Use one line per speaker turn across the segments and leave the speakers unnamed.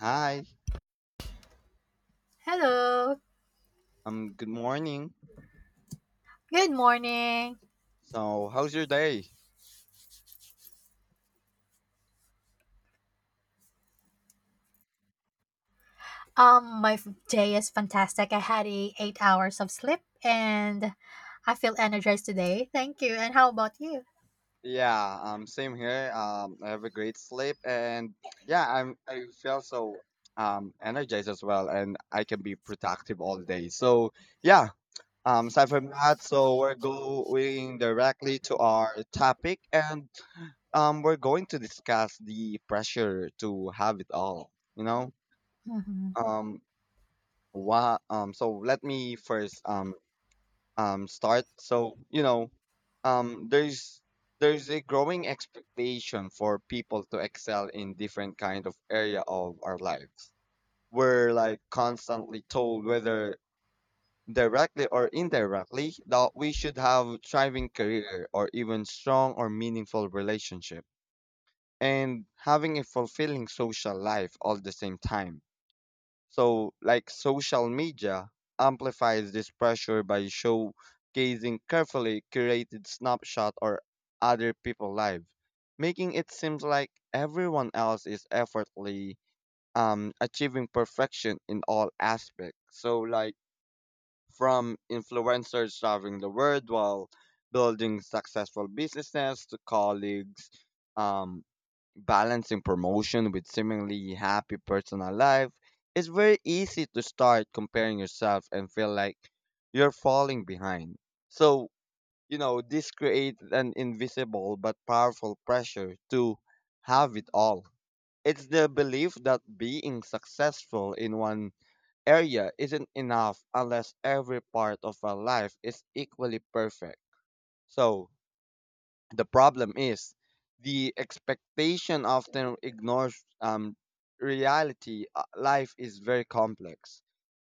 Hi,
Hello.
good morning.
Good morning.
So, how's your day?
My day is fantastic. I had a 8 hours of sleep and I feel energized today. Thank you. And how about you?
Yeah, same here. I have a great sleep, and yeah, I feel so energized as well, and I can be productive all day. So, yeah, aside from that, so we're going directly to our topic, and we're going to discuss the pressure to have it all. You know,
Mhm.
um, what so let me first start. So, you know, um, there's there's a growing expectation for people to excel in different kind of area of our lives. We're like constantly told whether directly or indirectly that we should have thriving career or even strong or meaningful relationship and having a fulfilling social life all the same time. So, like, social media amplifies this pressure by showcasing carefully curated snapshot or other people live, making it seem like everyone else is effortlessly achieving perfection in all aspects. So, like, from influencers traveling the world while building successful businesses to colleagues, um, balancing promotion with seemingly happy personal life, it's very easy to start comparing yourself and feel like you're falling behind. So, you know, this creates an invisible but powerful pressure to have it all. It's the belief that being successful in one area isn't enough unless every part of our life is equally perfect. So, the problem is, the expectation often ignores reality. Life is very complex.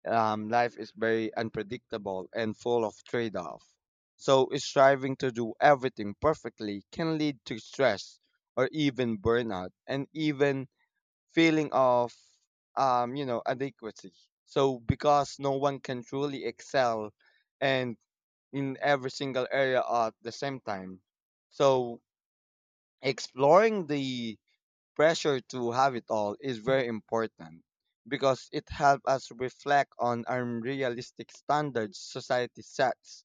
Life is very unpredictable and full of trade-off. So striving to do everything perfectly can lead to stress or even burnout and even feeling of you know, adequacy. So because no one can truly excel and in every single area at the same time. So exploring the pressure to have it all is very important because it helps us reflect on unrealistic standards society sets,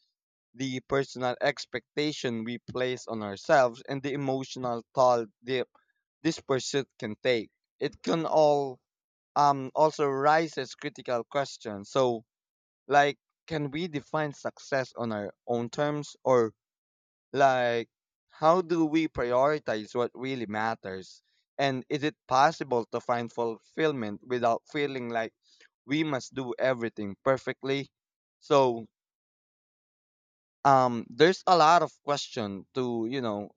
the personal expectation we place on ourselves, and the emotional toll this pursuit can take. It can all also raises critical questions. So, like, can we define success on our own terms, or, like, how do we prioritize what really matters? And is it possible to find fulfillment without feeling like we must do everything perfectly? So, there's a lot of question to, you know,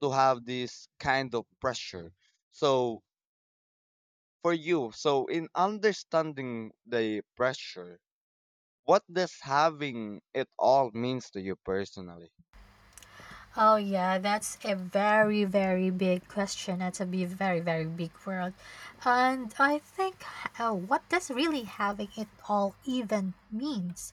to have this kind of pressure. So, for you, so in understanding the pressure, what does having it all means to you personally?
Oh yeah, that's a very big question. That's a very very big world, and I think what does really having it all even means.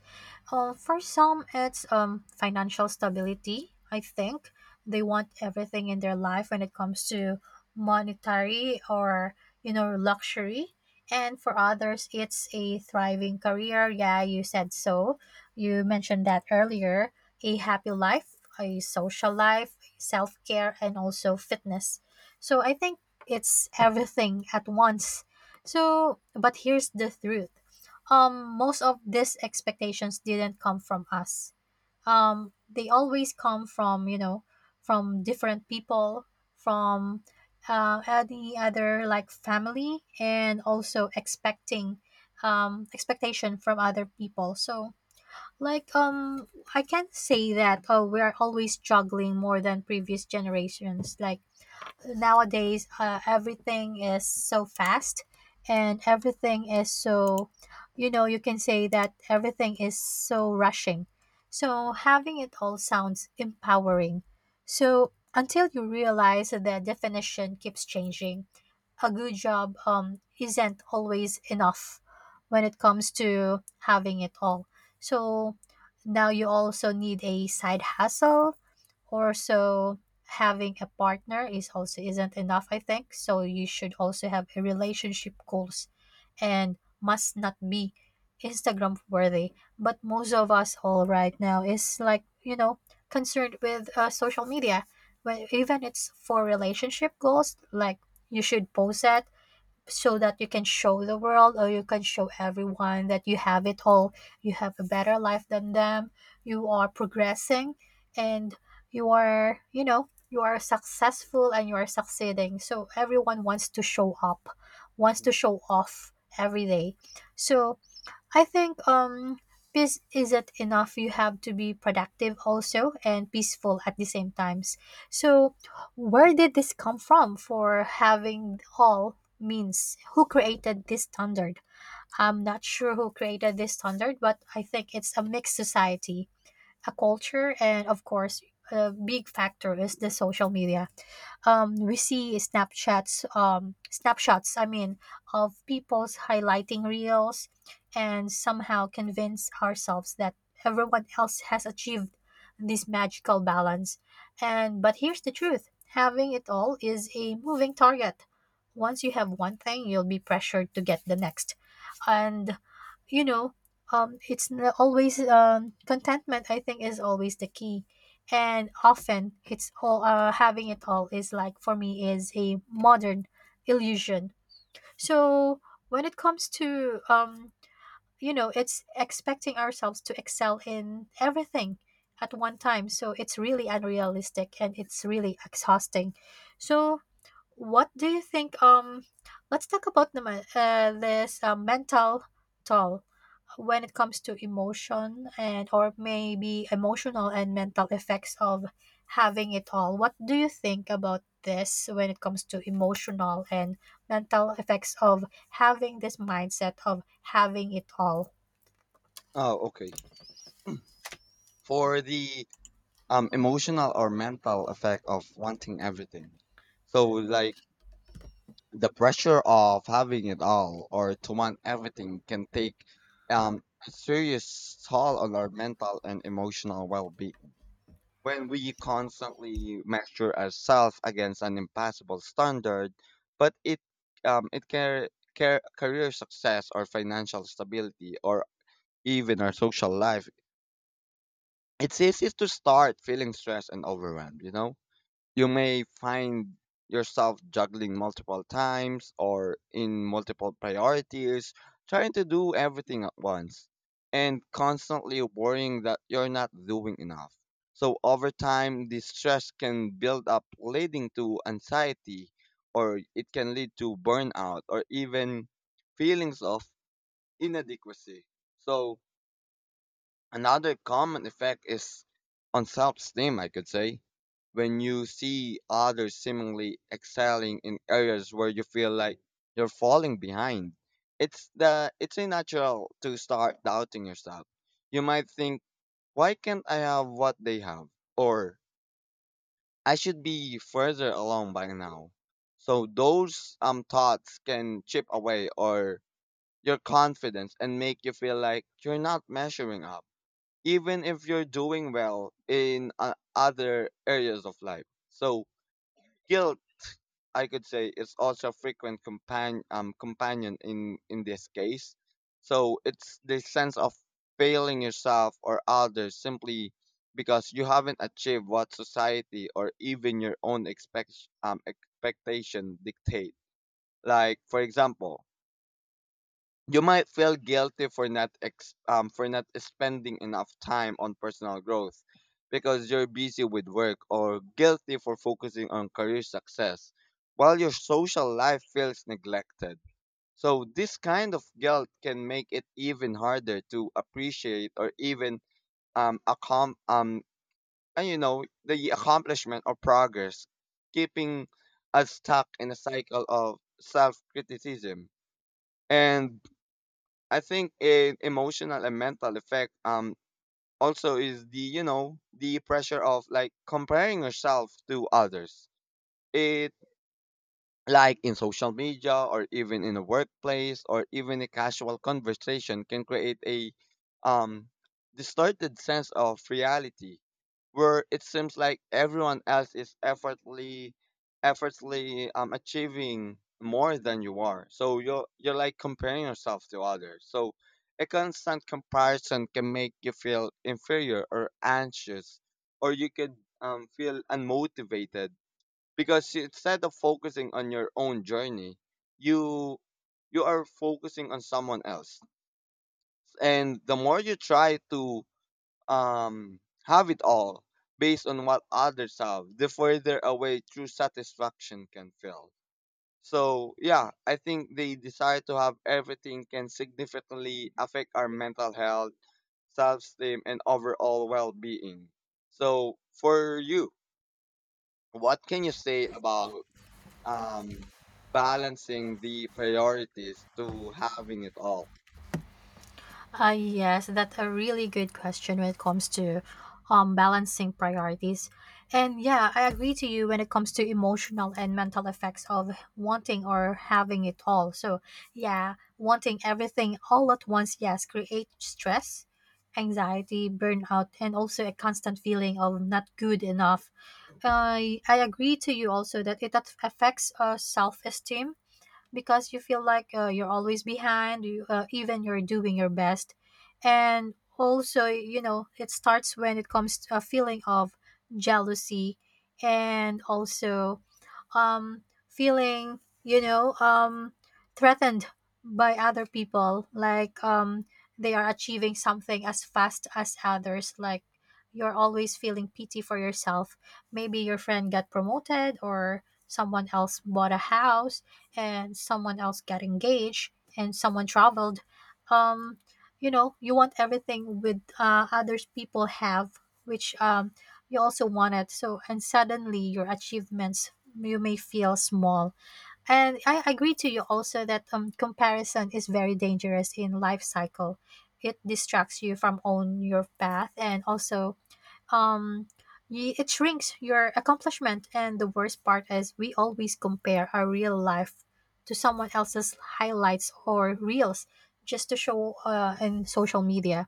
For some, it's financial stability. I think they want everything in their life when it comes to monetary or, you know, luxury. And for others, it's a thriving career. Yeah, you said so. You mentioned that earlier: a happy life, a social life, self care, and also fitness. So I think it's everything at once. So, but here's the truth. Most of these expectations didn't come from us. They always come from, you know, from different people, from any other like family, and also expecting expectation from other people. So like I can say that we are always struggling more than previous generations. Like nowadays everything is so fast and everything is so, you know, you can say that everything is so rushing. So having it all sounds empowering, so until you realize that the definition keeps changing. A good job isn't always enough when it comes to having it all. So now you also need a side hustle or so. Having a partner is also isn't enough, I think, so you should also have a relationship goals, and must not be Instagram worthy. But most of us all right now is like, you know, concerned with social media, when even it's for relationship goals, like you should post that, so that you can show the world or you can show everyone that you have it all, you have a better life than them, you are progressing, and you are, you know, you are successful and you are succeeding. So everyone wants to show up, wants
Mhm.
to show off every day. So I think peace isn't enough. You have to be productive also and peaceful at the same times. So where did this come from for having all means? Who created this standard? I'm not sure who created this standard, but I think it's a mixed society, a culture, and of course, a big factor is the social media. We see Snapchats, snapshots, I mean, of people's highlighting reels and somehow convince ourselves that everyone else has achieved this magical balance. And but here's the truth: having it all is a moving target. Once you have one thing, you'll be pressured to get the next. And, you know, it's always contentment, I think, is always the key. And often it's all having it all is like, for me, is a modern illusion. So when it comes to you know, it's expecting ourselves to excel in everything at one time, so it's really unrealistic and it's really exhausting. So what do you think? Let's talk about naman, this mental toll when it comes to emotion. And or maybe emotional and mental effects of having it all, what do you think about this when it comes to emotional and mental effects of having this mindset of having it all?
Oh, okay. For the emotional or mental effect of wanting everything. So, like, the pressure of having it all or to want everything can take a serious toll on our mental and emotional well-being. When we constantly measure ourselves against an impossible standard, but it can career success or financial stability or even our social life, it's easy to start feeling stressed and overwhelmed, you know? You may find yourself juggling multiple times or in multiple priorities, trying to do everything at once, and constantly worrying that you're not doing enough. So, over time, this stress can build up, leading to anxiety, or it can lead to burnout or even feelings of inadequacy. So, another common effect is on self-esteem, I could say. When you see others seemingly excelling in areas where you feel like you're falling behind, it's a natural to start doubting yourself. You might think, "Why can't I have what they have?" or "I should be further along by now." So those thoughts can chip away or your confidence and make you feel like you're not measuring up even if you're doing well in other areas of life. So guilt, I could say, is also a frequent companion in this case. So it's this sense of failing yourself or others simply because you haven't achieved what society or even your own expectation dictate. Like for example, you might feel guilty for not ex- for not spending enough time on personal growth because you're busy with work, or guilty for focusing on career success while your social life feels neglected. So this kind of guilt can make it even harder to appreciate or even um, accom- um and you know, the accomplishment or progress, keeping us stuck in a cycle of self-criticism. And I think a emotional and mental effect also is the, you know, the pressure of like comparing yourself to others. It, like in social media or even in a workplace or even a casual conversation, can create a um, distorted sense of reality where it seems like everyone else is effortlessly achieving more than you are. So you're like comparing yourself to others. So a constant comparison can make you feel inferior or anxious, or you could feel unmotivated because instead of focusing on your own journey, you you are focusing on someone else. And the more you try to um have it all based on what others have, the further away true satisfaction can feel. So yeah, I think the desire to have everything can significantly affect our mental health, self-esteem, and overall well-being. So for you, what can you say about um, balancing the priorities to having it all?
Yes, that's a really good question when it comes to balancing priorities. And yeah, I agree to you when it comes to emotional and mental effects of wanting or having it all. So, yeah, wanting everything all at once, yes, create stress, anxiety, burnout, and also a constant feeling of not good enough. I agree to you also that it affects self esteem, because you feel like you're always behind, you, even you're doing your best. And also, you know, it starts when it comes to a feeling of jealousy, and also feeling, you know, threatened by other people, like they are achieving something as fast as others, like you're always feeling pity for yourself. Maybe your friend got promoted, or someone else bought a house, and someone else got engaged, and someone traveled. um you know, you want everything with others people have, which you also want it. So, and suddenly your achievements, you may feel small. And I agree to you also that comparison is very dangerous in life cycle. It distracts you from on your path, and also um it shrinks your accomplishment. And the worst part is we always compare our real life to someone else's highlights or reels, just to show in social media.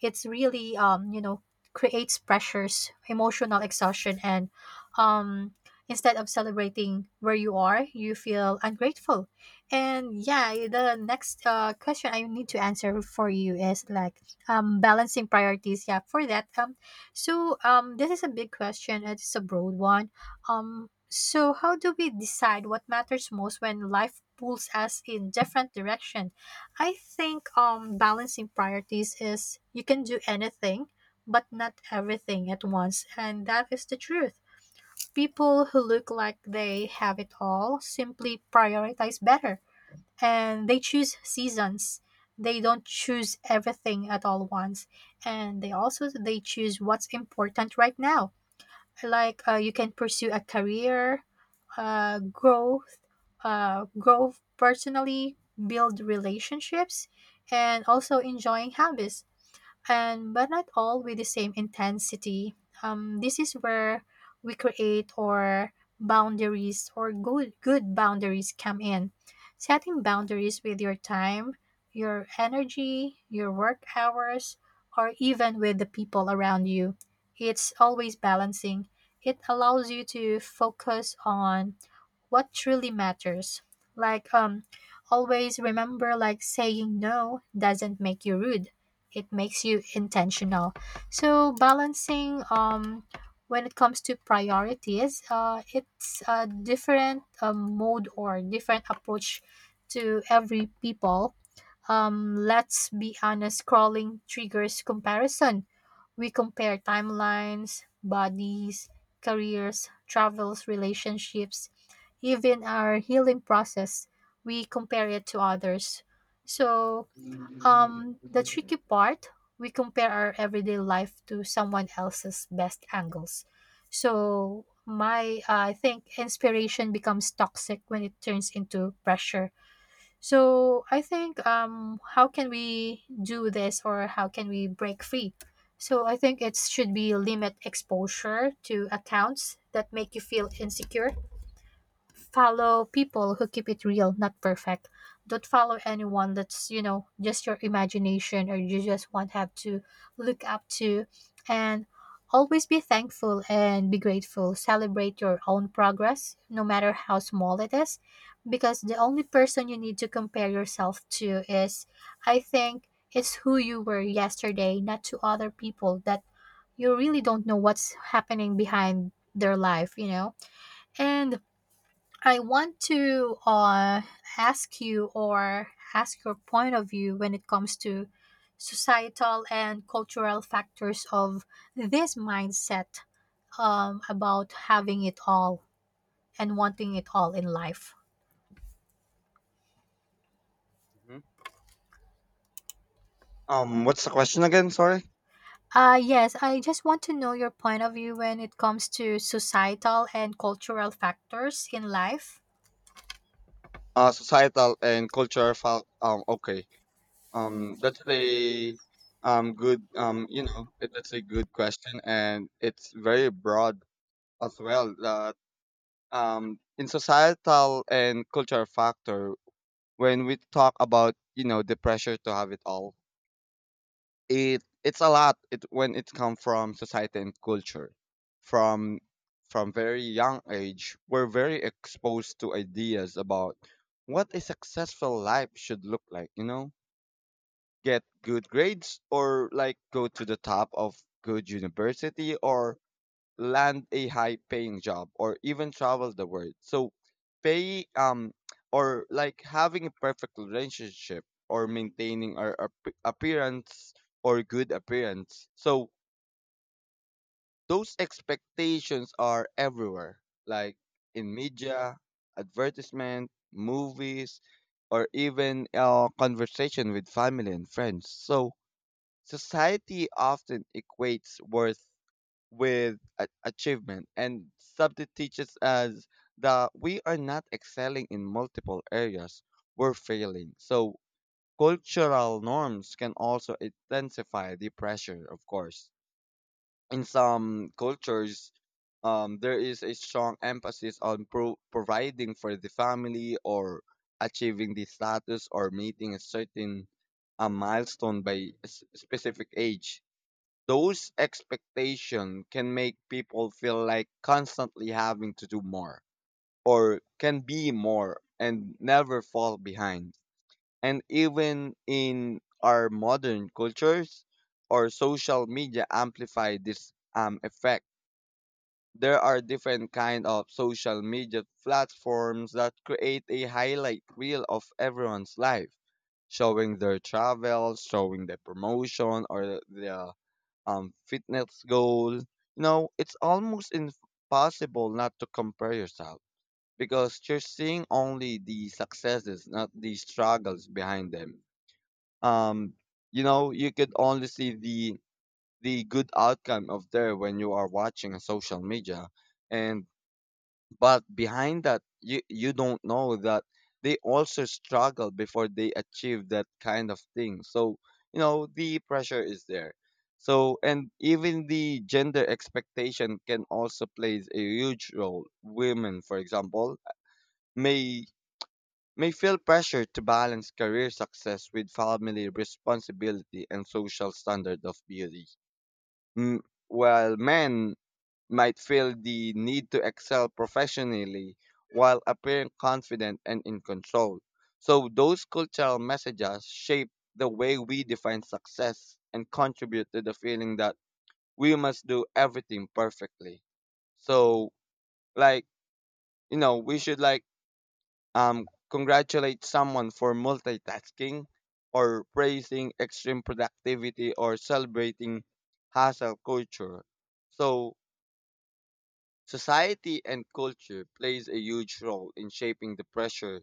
It's really you know, creates pressures, emotional exhaustion, and um instead of celebrating where you are, you feel ungrateful. And yeah, the next question I need to answer for you is like balancing priorities, yeah, for that so, this is a big question. And It's a broad one. So how do we decide what matters most when life pulls us in different direction? I think balancing priorities is you can do anything, but not everything at once, and that is the truth. People who look like they have it all simply prioritize better, and they choose seasons. They don't choose everything at all once, and they also they choose what's important right now. Like you can pursue a career growth, grow personally, build relationships, and also enjoying hobbies. And but not all with the same intensity. This is where we create or boundaries or good boundaries come in. Setting boundaries with your time, your energy, your work hours, or even with the people around you. It's always balancing. It allows you to focus on what truly matters. Like, always remember, like, saying no doesn't make you rude, it makes you intentional. So, balancing, when it comes to priorities, it's a different mode or different approach to every people. Let's be honest, scrolling triggers comparison. We compare timelines, bodies, careers, travels, relationships, even our healing process. We compare it to others. So, the tricky part, we compare our everyday life to someone else's best angles. So, my I think inspiration becomes toxic when it turns into pressure. So I think how can we do this, or how can we break free? So I think it should be limit exposure to accounts that make you feel insecure. Follow people who keep it real, not perfect. Don't follow anyone that's, you know, just your imagination or you just want have to look up to. And always be thankful and be grateful. Celebrate your own progress, no matter how small it is. Because the only person you need to compare yourself to is, I think, it's who you were yesterday, not to other people that you really don't know what's happening behind their life, you know? And I want to ask you or ask your point of view when it comes to societal and cultural factors of this mindset about having it all and wanting it all in life.
Hmm. What's the question again? Sorry.
Yes, I just want to know your point of view when it comes to societal and cultural factors in life.
Societal and culture. Okay. That's a good you know, that's a good question and it's very broad as well. That in societal and culture factor, when we talk about, you know, the pressure to have it all, it's a lot, it when it comes from society and culture. from from very young age we're very exposed to ideas about what a successful life should look like, you know, get good grades, or like go to the top of good university, or land a high paying job, or even travel the world. So pay or like having a perfect relationship or maintaining our appearance or good appearance. So those expectations are everywhere, like in media, advertisement, movies, or even conversation with family and friends. So society often equates worth with achievement and subject teaches us that we are not excelling in multiple areas, we're failing. So cultural norms can also intensify the pressure, of course. In some cultures, there is a strong emphasis on providing for the family, or achieving the status, or meeting a certain milestone by a specific age. Those expectations can make people feel like constantly having to do more, or can be more and never fall behind. And even in our modern cultures, or social media amplify this effect. There are different kind of social media platforms that create a highlight reel of everyone's life, showing their travel, showing the promotion or the fitness goal. You know, it's almost impossible not to compare yourself because you're seeing only the successes, not the struggles behind them. Um, you know, you could only see the good outcome of there when you are watching social media, and but behind that, you don't know that they also struggle before they achieve that kind of thing. So, you know, the pressure is there. So, and even the gender expectation can also plays a huge role. Women, for example, may may feel pressure to balance career success with family responsibility and social standard of beauty. Mm, while men might feel the need to excel professionally while appearing confident and in control. So, those cultural messages shape the way we define success and contribute to the feeling that we must do everything perfectly. So, like, you know, we should like congratulate someone for multitasking, or praising extreme productivity, or celebrating hustle culture. So, society and culture plays a huge role in shaping the pressure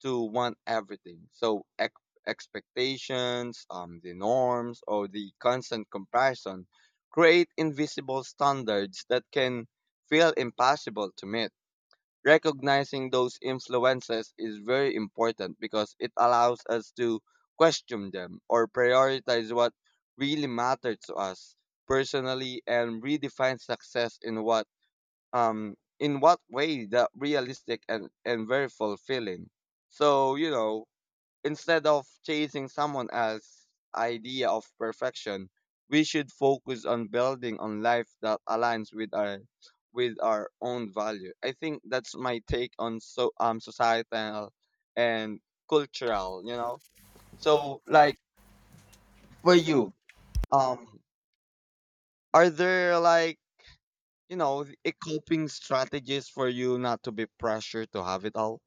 to want everything. So expectations, the norms, or the constant comparison create invisible standards that can feel impossible to meet. Recognizing those influences is very important because it allows us to question them or prioritize what really matters to us personally and redefine success in what way that realistic and verifiable feeling. So, you know, instead of chasing someone else's idea of perfection, we should focus on building on life that aligns with our own value. I think that's my take on so societal and cultural, you know. So, like, for you, um are there, like, you know, a coping strategies for you not to be pressured to have it all?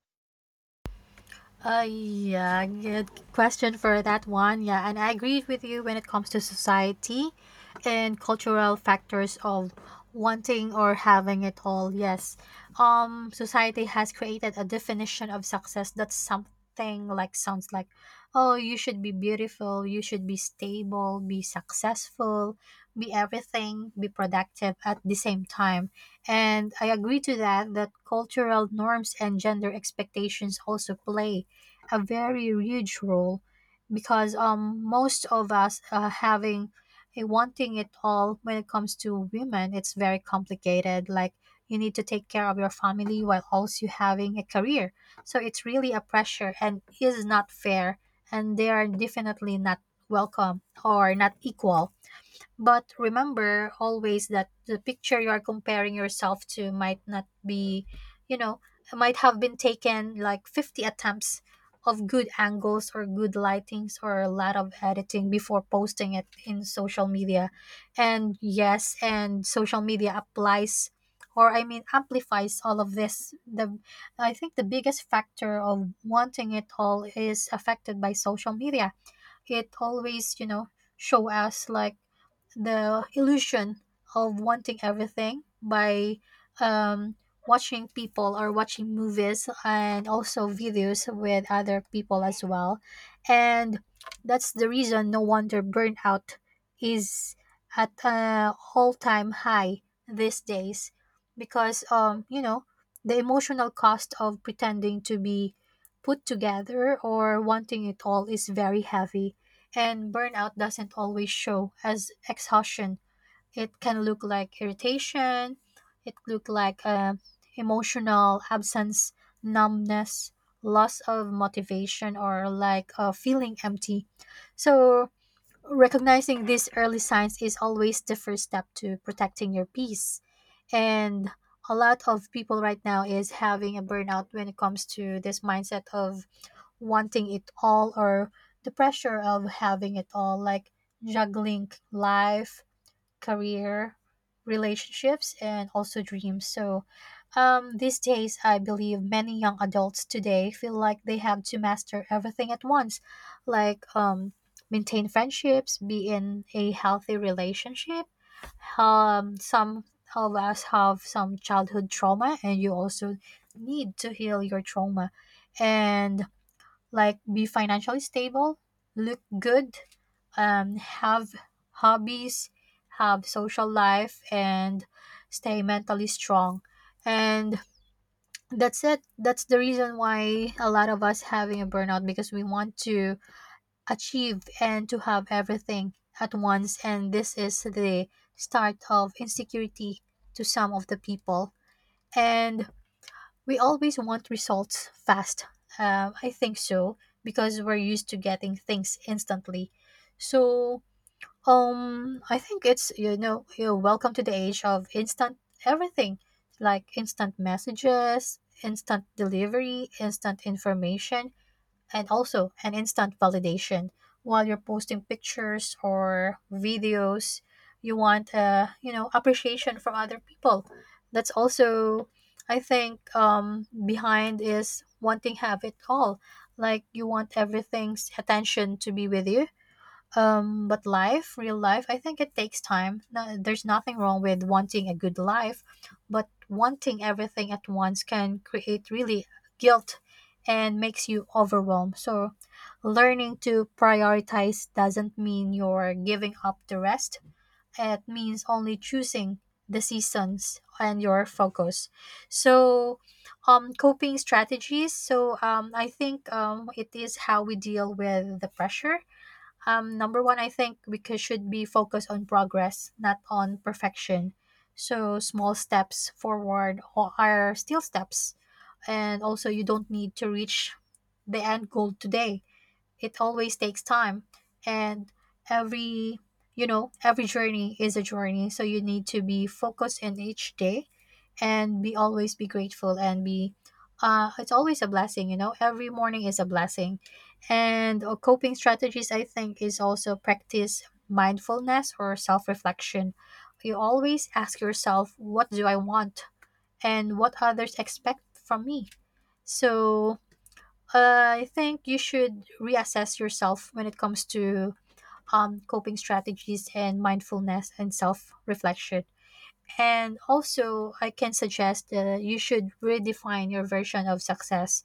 Yeah, good question for that one. Yeah, and I agree with you when it comes to society and cultural factors of wanting or having it all. Yes, society has created a definition of success that's something like sounds like, oh, you should be beautiful, you should be stable, be successful, be everything, be productive at the same time. And I agree to that that cultural norms and gender expectations also play a very huge role, because most of us having a wanting it all when it comes to women, it's very complicated. Like you need to take care of your family while also having a career, so it's really a pressure and is not fair, and they are definitely not welcome or not equal. But remember always that the picture you are comparing yourself to might not be, you know, might have been taken like 50 attempts of good angles or good lightings, or a lot of editing before posting it in social media. And yes, and social media applies, or I mean amplifies, all of this. The I think the biggest factor of wanting it all is affected by social media. It always, you know, show us like the illusion of wanting everything by um, watching people or watching movies and also videos with other people as well. And that's the reason no wonder burnout is at an all time high these days, because, you know, the emotional cost of pretending to be put together or wanting it all is very heavy. And burnout doesn't always show as exhaustion. It can look like irritation, it look like emotional absence, numbness, loss of motivation, or like feeling empty. So recognizing these early signs is always the first step to protecting your peace. And a lot of people right now is having a burnout when it comes to this mindset of wanting it all or the pressure of having it all, like juggling life, career, relationships, and also dreams. So, these days, I believe many young adults today feel like they have to master everything at once, like maintain friendships, be in a healthy relationship. Some of us have some childhood trauma, and you also need to heal your trauma. And like be financially stable, look good, have hobbies, have social life, and stay mentally strong. And that's it. That's the reason why a lot of us having a burnout because we want to achieve and to have everything at once. And this is the start of insecurity to some of the people. And we always want results fast. I think so because we're used to getting things instantly. So I think it's you're welcome to the age of instant everything, like instant messages, instant delivery, instant information, and also an instant validation while you're posting pictures or videos. You want appreciation from other people. That's also, I think behind is wanting have it all, like you want everything's attention to be with you. But life, real life, I think it takes time. No, there's nothing wrong with wanting a good life, but wanting everything at once can create really guilt and makes you overwhelmed. So, learning to prioritize doesn't mean you're giving up the rest, it means only choosing the seasons and your focus. So, coping strategies. So, I think it is how we deal with the pressure. Number one, I think we should be focused on progress, not on perfection. So small steps forward ho- are still steps, and also you don't need to reach the end goal today. It always takes time, and every you know every journey is a journey. So you need to be focused in each day and be always be grateful, and be, it's always a blessing. You know, every morning is a blessing. And coping strategies, I think, is also practice mindfulness or self-reflection. You always ask yourself, what do I want and what others expect from me? So I think you should reassess yourself when it comes to coping strategies and mindfulness and self reflection. And also, I can suggest that you should redefine your version of success.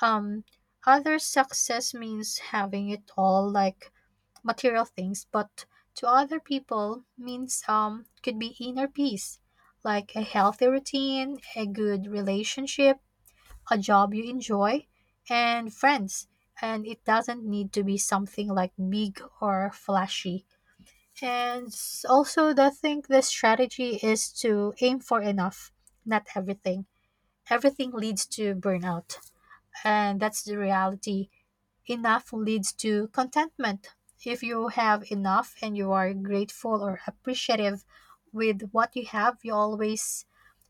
Um, Other success means having it all, like material things, but to other people means could be inner peace, like a healthy routine, a good relationship, a job you enjoy, and friends. And it doesn't need to be something like big or flashy. And the thing, the strategy is to aim for enough, not everything. Everything leads to burnout, and that's the reality. Enough leads to contentment. If you have enough and you are grateful or appreciative with what you have, you always,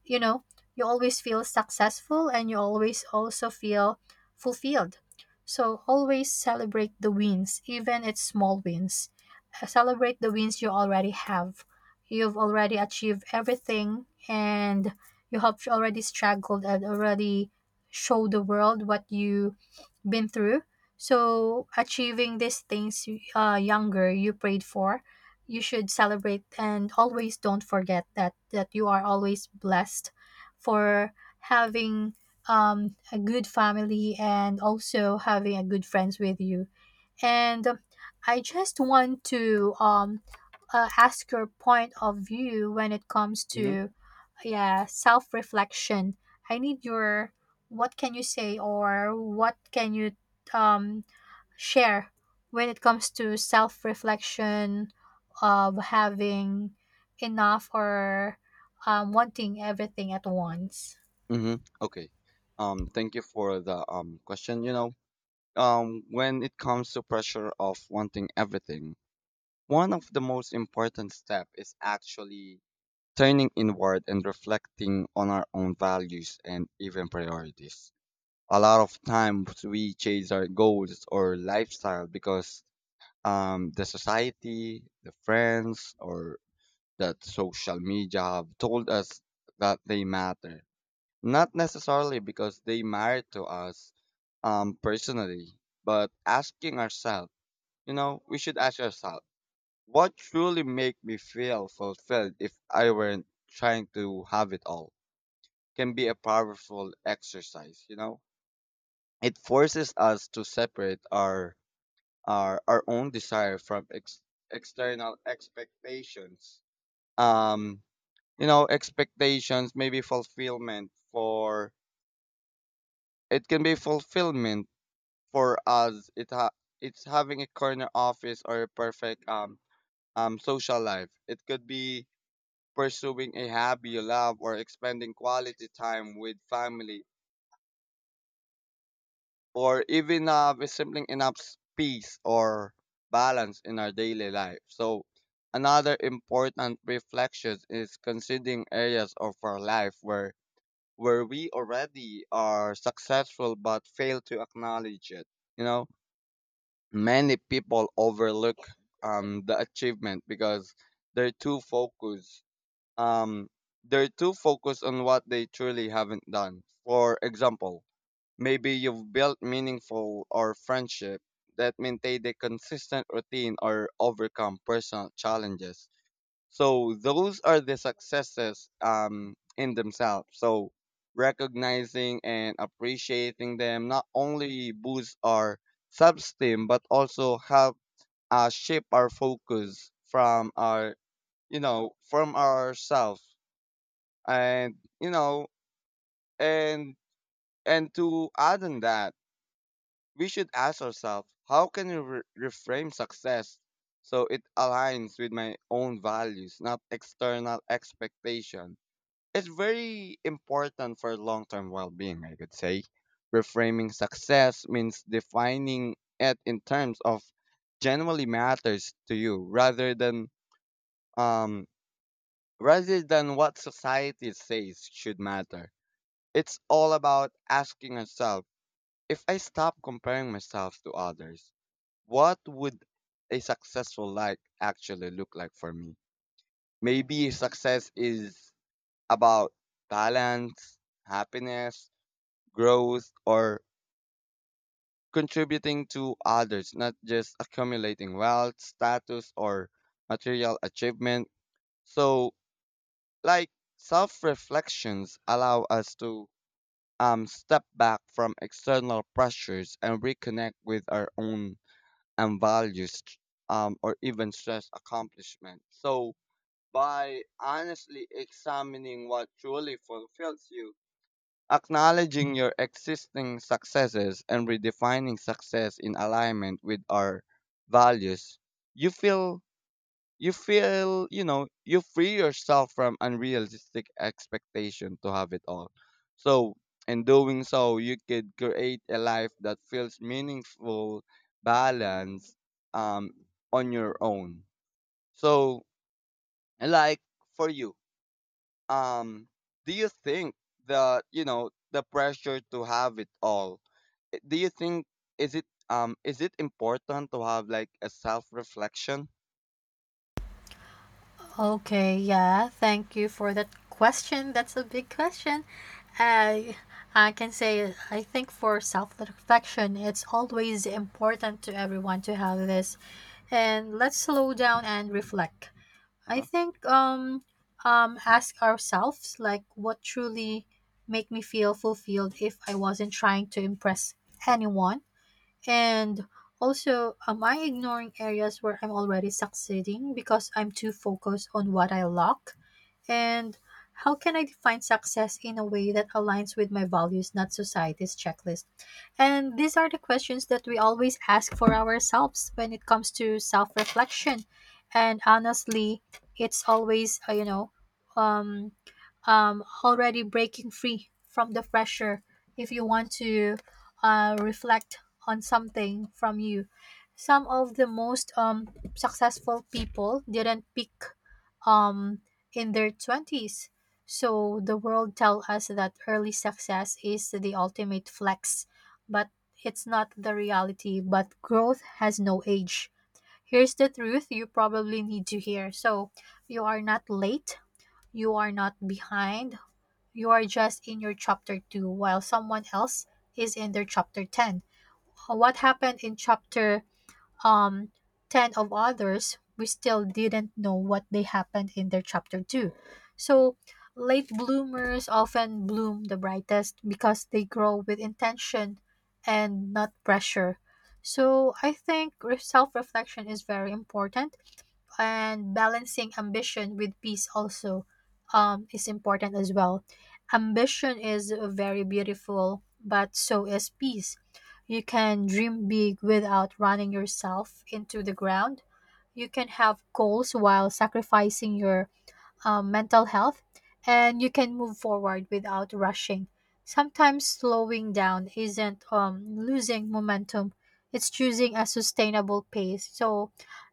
you know, you always feel successful and you always also feel fulfilled. So always celebrate the wins, even its small wins. Celebrate the wins you already have. You've already achieved everything and you have already struggled and already show the world what you've been through. So, achieving these things younger you prayed for, you should celebrate and always don't forget that you are always blessed for having a good family and also having a good friends with you. And I just want to ask your point of view when it comes
Mm-hmm.
to, yeah, self reflection. I need your, what can you say or what can you um share when it comes to self reflection of having enough or wanting everything at once?
Mm-hmm. Okay. Thank you for the question. You know, when it comes to pressure of wanting everything, one of the most important step is actually turning inward and reflecting on our own values and even priorities. A lot of times we chase our goals or lifestyle because the society, the friends, or that social media have told us that they matter. Not necessarily because they matter to us personally, but asking ourselves, we should ask ourselves, what truly make me feel fulfilled if I weren't trying to have it all can be a powerful exercise, you know? It forces us to separate our own desire from external expectations. Um, expectations, maybe fulfillment for it can be fulfillment for us, it's having a corner office or a perfect social life. It could be pursuing a hobby you love or expending quality time with family, or even simply enough peace or balance in our daily life. So another important reflection is considering areas of our life where we already are successful but fail to acknowledge it, you know. Many people overlook the achievement because they're too focused. Um, they're too focused on what they truly haven't done. For example, maybe you've built meaningful or friendship that maintained a consistent routine or overcome personal challenges. So those are the successes, in themselves. So recognizing and appreciating them not only boosts our self-esteem but also help shape our focus from ourselves. And you know and and to add on that, we should ask ourselves how can we reframe success so it aligns with my own values, not external expectation. It's very important for long term well being, I could say. Reframing success means defining it in terms of genuinely matters to you rather than um what society says should matter. It's all about asking yourself, if I stop comparing myself to others, what would a successful life actually look like for me? Maybe success is about balance, happiness, growth, or contributing to others, not just accumulating wealth, status, or material achievement. So, like, self reflections allow us to step back from external pressures and reconnect with our own values, or even stress accomplishment. So, by honestly examining what truly fulfills you, acknowledging your existing successes and redefining success in alignment with our values, you feel you feel, you free yourself from unrealistic expectation to have it all. So, in doing so, you could create a life that feels meaningful, balanced, um, on your own. So, like, for you, um do you think that the pressure to have it all, do you think, is it important to have like a self reflection?
Okay, yeah, thank you for that question. That's a big question. I I can say I think for self-reflection, it's always important to everyone to have this. And let's slow down and reflect. I
Uh-huh.
think ask ourselves, like, what truly make me feel fulfilled if I wasn't trying to impress anyone? And also, am I ignoring areas where I'm already succeeding because I'm too focused on what I lack? And how can I define success in a way that aligns with my values, not society's checklist? And these are the questions that we always ask for ourselves when it comes to self reflection. And honestly, it's always, um, already breaking free from the pressure if you want to reflect on something from you. Some of the most successful people didn't pick um, in their 20s. So the world tell us that early success is the ultimate flex, but it's not the reality. But growth has no age. Here's the truth you probably need to hear. So, you are not late, you are not behind, you are just in your chapter 2 while someone else is in their chapter 10. What happened in chapter um, 10 of others, we still didn't know what they happened in their chapter 2. So, late bloomers often bloom the brightest because they grow with intention and not pressure. So, I think self reflection is very important, and balancing ambition with peace also is important as well. Ambition is very beautiful, but so is peace. You can dream big without running yourself into the ground. You can have goals while sacrificing your mental health, and you can move forward without rushing. Sometimes slowing down isn't losing momentum, it's choosing a sustainable pace. So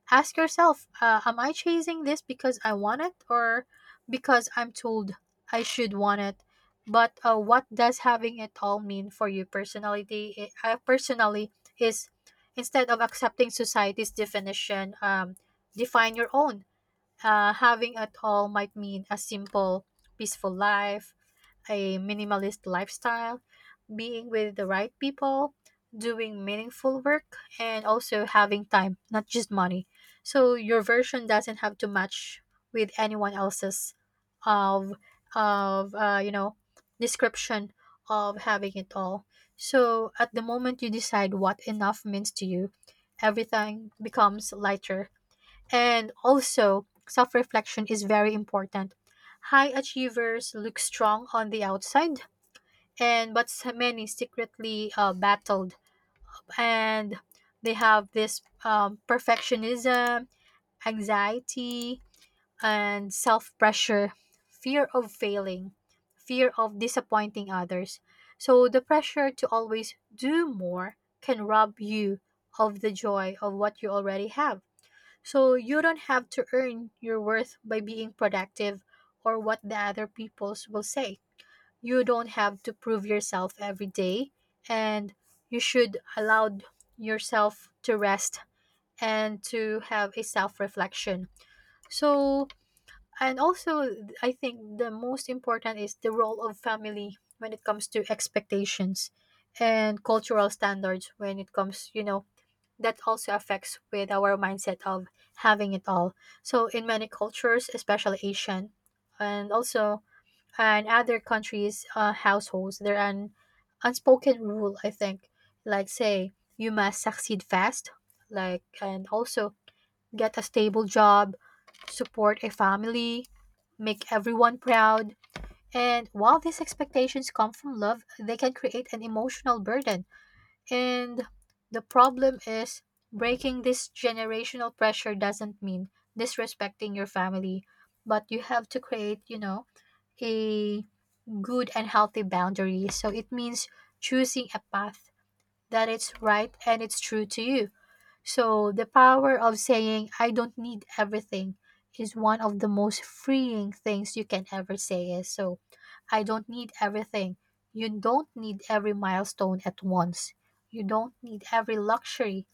ask yourself, am I chasing this because I want it or because I'm told I should want it? But what does having it all mean for you personality? I personally, is instead of accepting society's definition, define your own. Uh, having it all might mean a simple, peaceful life, a minimalist lifestyle, being with the right people, doing meaningful work, and also having time, not just money. So your version doesn't have to match with anyone else's of of uh, you know description of having it all. So at the moment you decide what enough means to you, everything becomes lighter. And also, self reflection is very important. High achievers look strong on the outside, and but so many secretly battled, and they have this perfectionism, anxiety, and self pressure, fear of failing, fear of disappointing others. So the pressure to always do more can rob you of the joy of what you already have. So you don't have to earn your worth by being productive or what the other peoples will say. You don't have to prove yourself every day, and you should allow yourself to rest and to have a self-reflection. So and also, I think the most important is the role of family when it comes to expectations and cultural standards when it comes, you know, that also affects with our mindset of having it all. So in many cultures, especially Asian, and also and other countries' households, there are an unspoken rule I think, like say you must succeed fast, like and also get a stable job, support a family, make everyone proud. And while these expectations come from love, they can create an emotional burden. And the problem is breaking this generational pressure doesn't mean disrespecting your family, but you have to create, you know, a good and healthy boundary. So it means choosing a path that it's right and it's true to you. So, the power of saying, I don't need everything, is one of the most freeing things you can ever say. Is so, I don't need everything. You don't need every milestone at once. You don't need every luxury.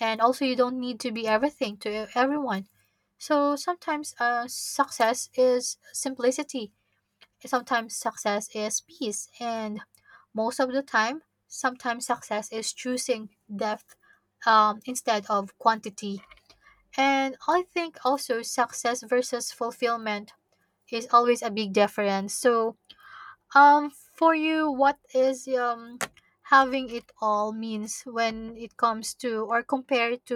And also, you don't need to be everything to everyone. So, sometimes success is simplicity. Sometimes success is peace, and most of the time, sometimes success is choosing depth instead of quantity. And I think also success versus fulfillment is always a big difference. So, for you, what is having it all means when it comes to or compared to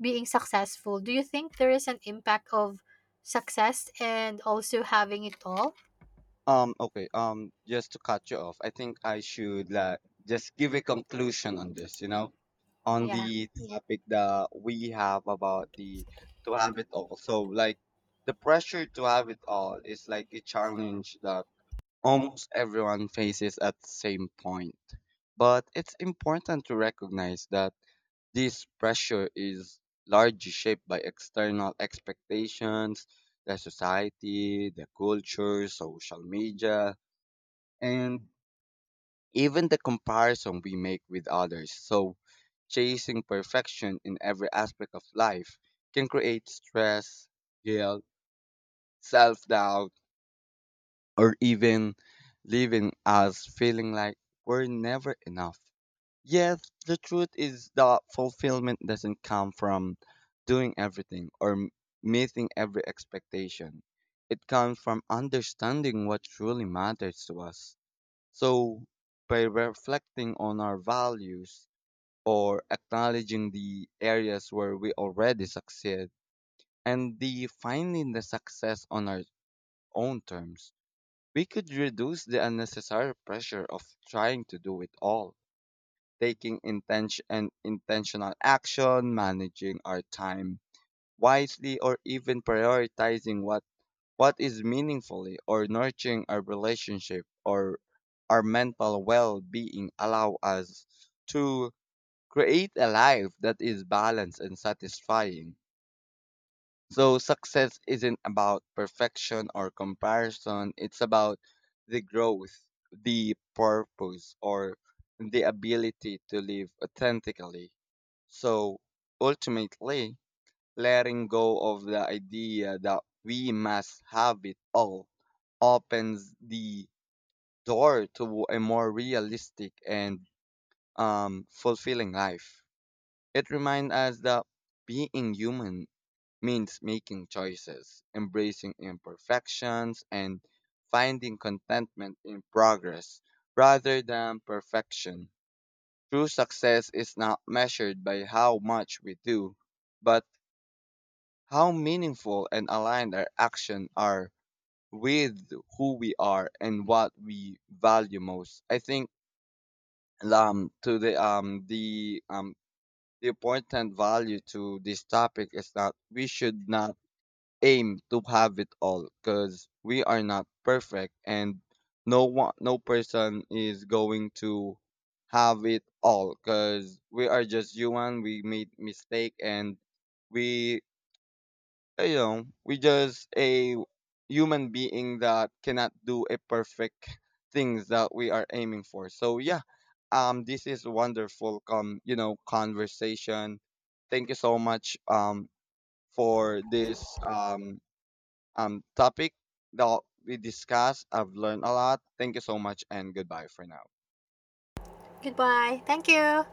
being successful? Do you think there is an impact of success and also having it all?
Okay, just to cut you off, I think I should like just give a conclusion on this, you know, on
Yeah.
the topic that we have about the to have it all. So like the pressure to have it all is like a challenge that almost everyone faces at the same point. But it's important to recognize that this pressure is largely shaped by external expectations, the society, the culture, social media, and even the comparison we make with others. So, chasing perfection in every aspect of life can create stress, guilt, self doubt, or even leaving us feeling like we're never enough. Yes, the truth is that fulfillment doesn't come from doing everything or meeting every expectation. It comes from understanding what truly matters to us. So, by reflecting on our values or acknowledging the areas where we already succeed and defining the success on our own terms, we could reduce the unnecessary pressure of trying to do it all. Taking intention and intentional action, managing our time wisely, or even prioritizing what is meaningfully or nurturing our relationship or our mental well-being allow us to create a life that is balanced and satisfying. So success isn't about perfection or comparison. It's about the growth, the purpose, or the ability to live authentically. So ultimately, letting go of the idea that we must have it all opens the door to a more realistic and fulfilling life. It reminds us that being human means making choices, embracing imperfections, and finding contentment in progress rather than perfection. True success is not measured by how much we do, but how meaningful and aligned our actions are with who we are and what we value most. I think to the important value to this topic is that we should not aim to have it all because we are not perfect, and no person is going to have it all because we are just human. We made mistake and we you know we just a human being that cannot do a perfect things that we are aiming for. So yeah, this is wonderful com you know conversation. Thank you so much, for this topic that we discussed. I've learned a lot. Thank you so much and goodbye for now.
Goodbye. Thank you.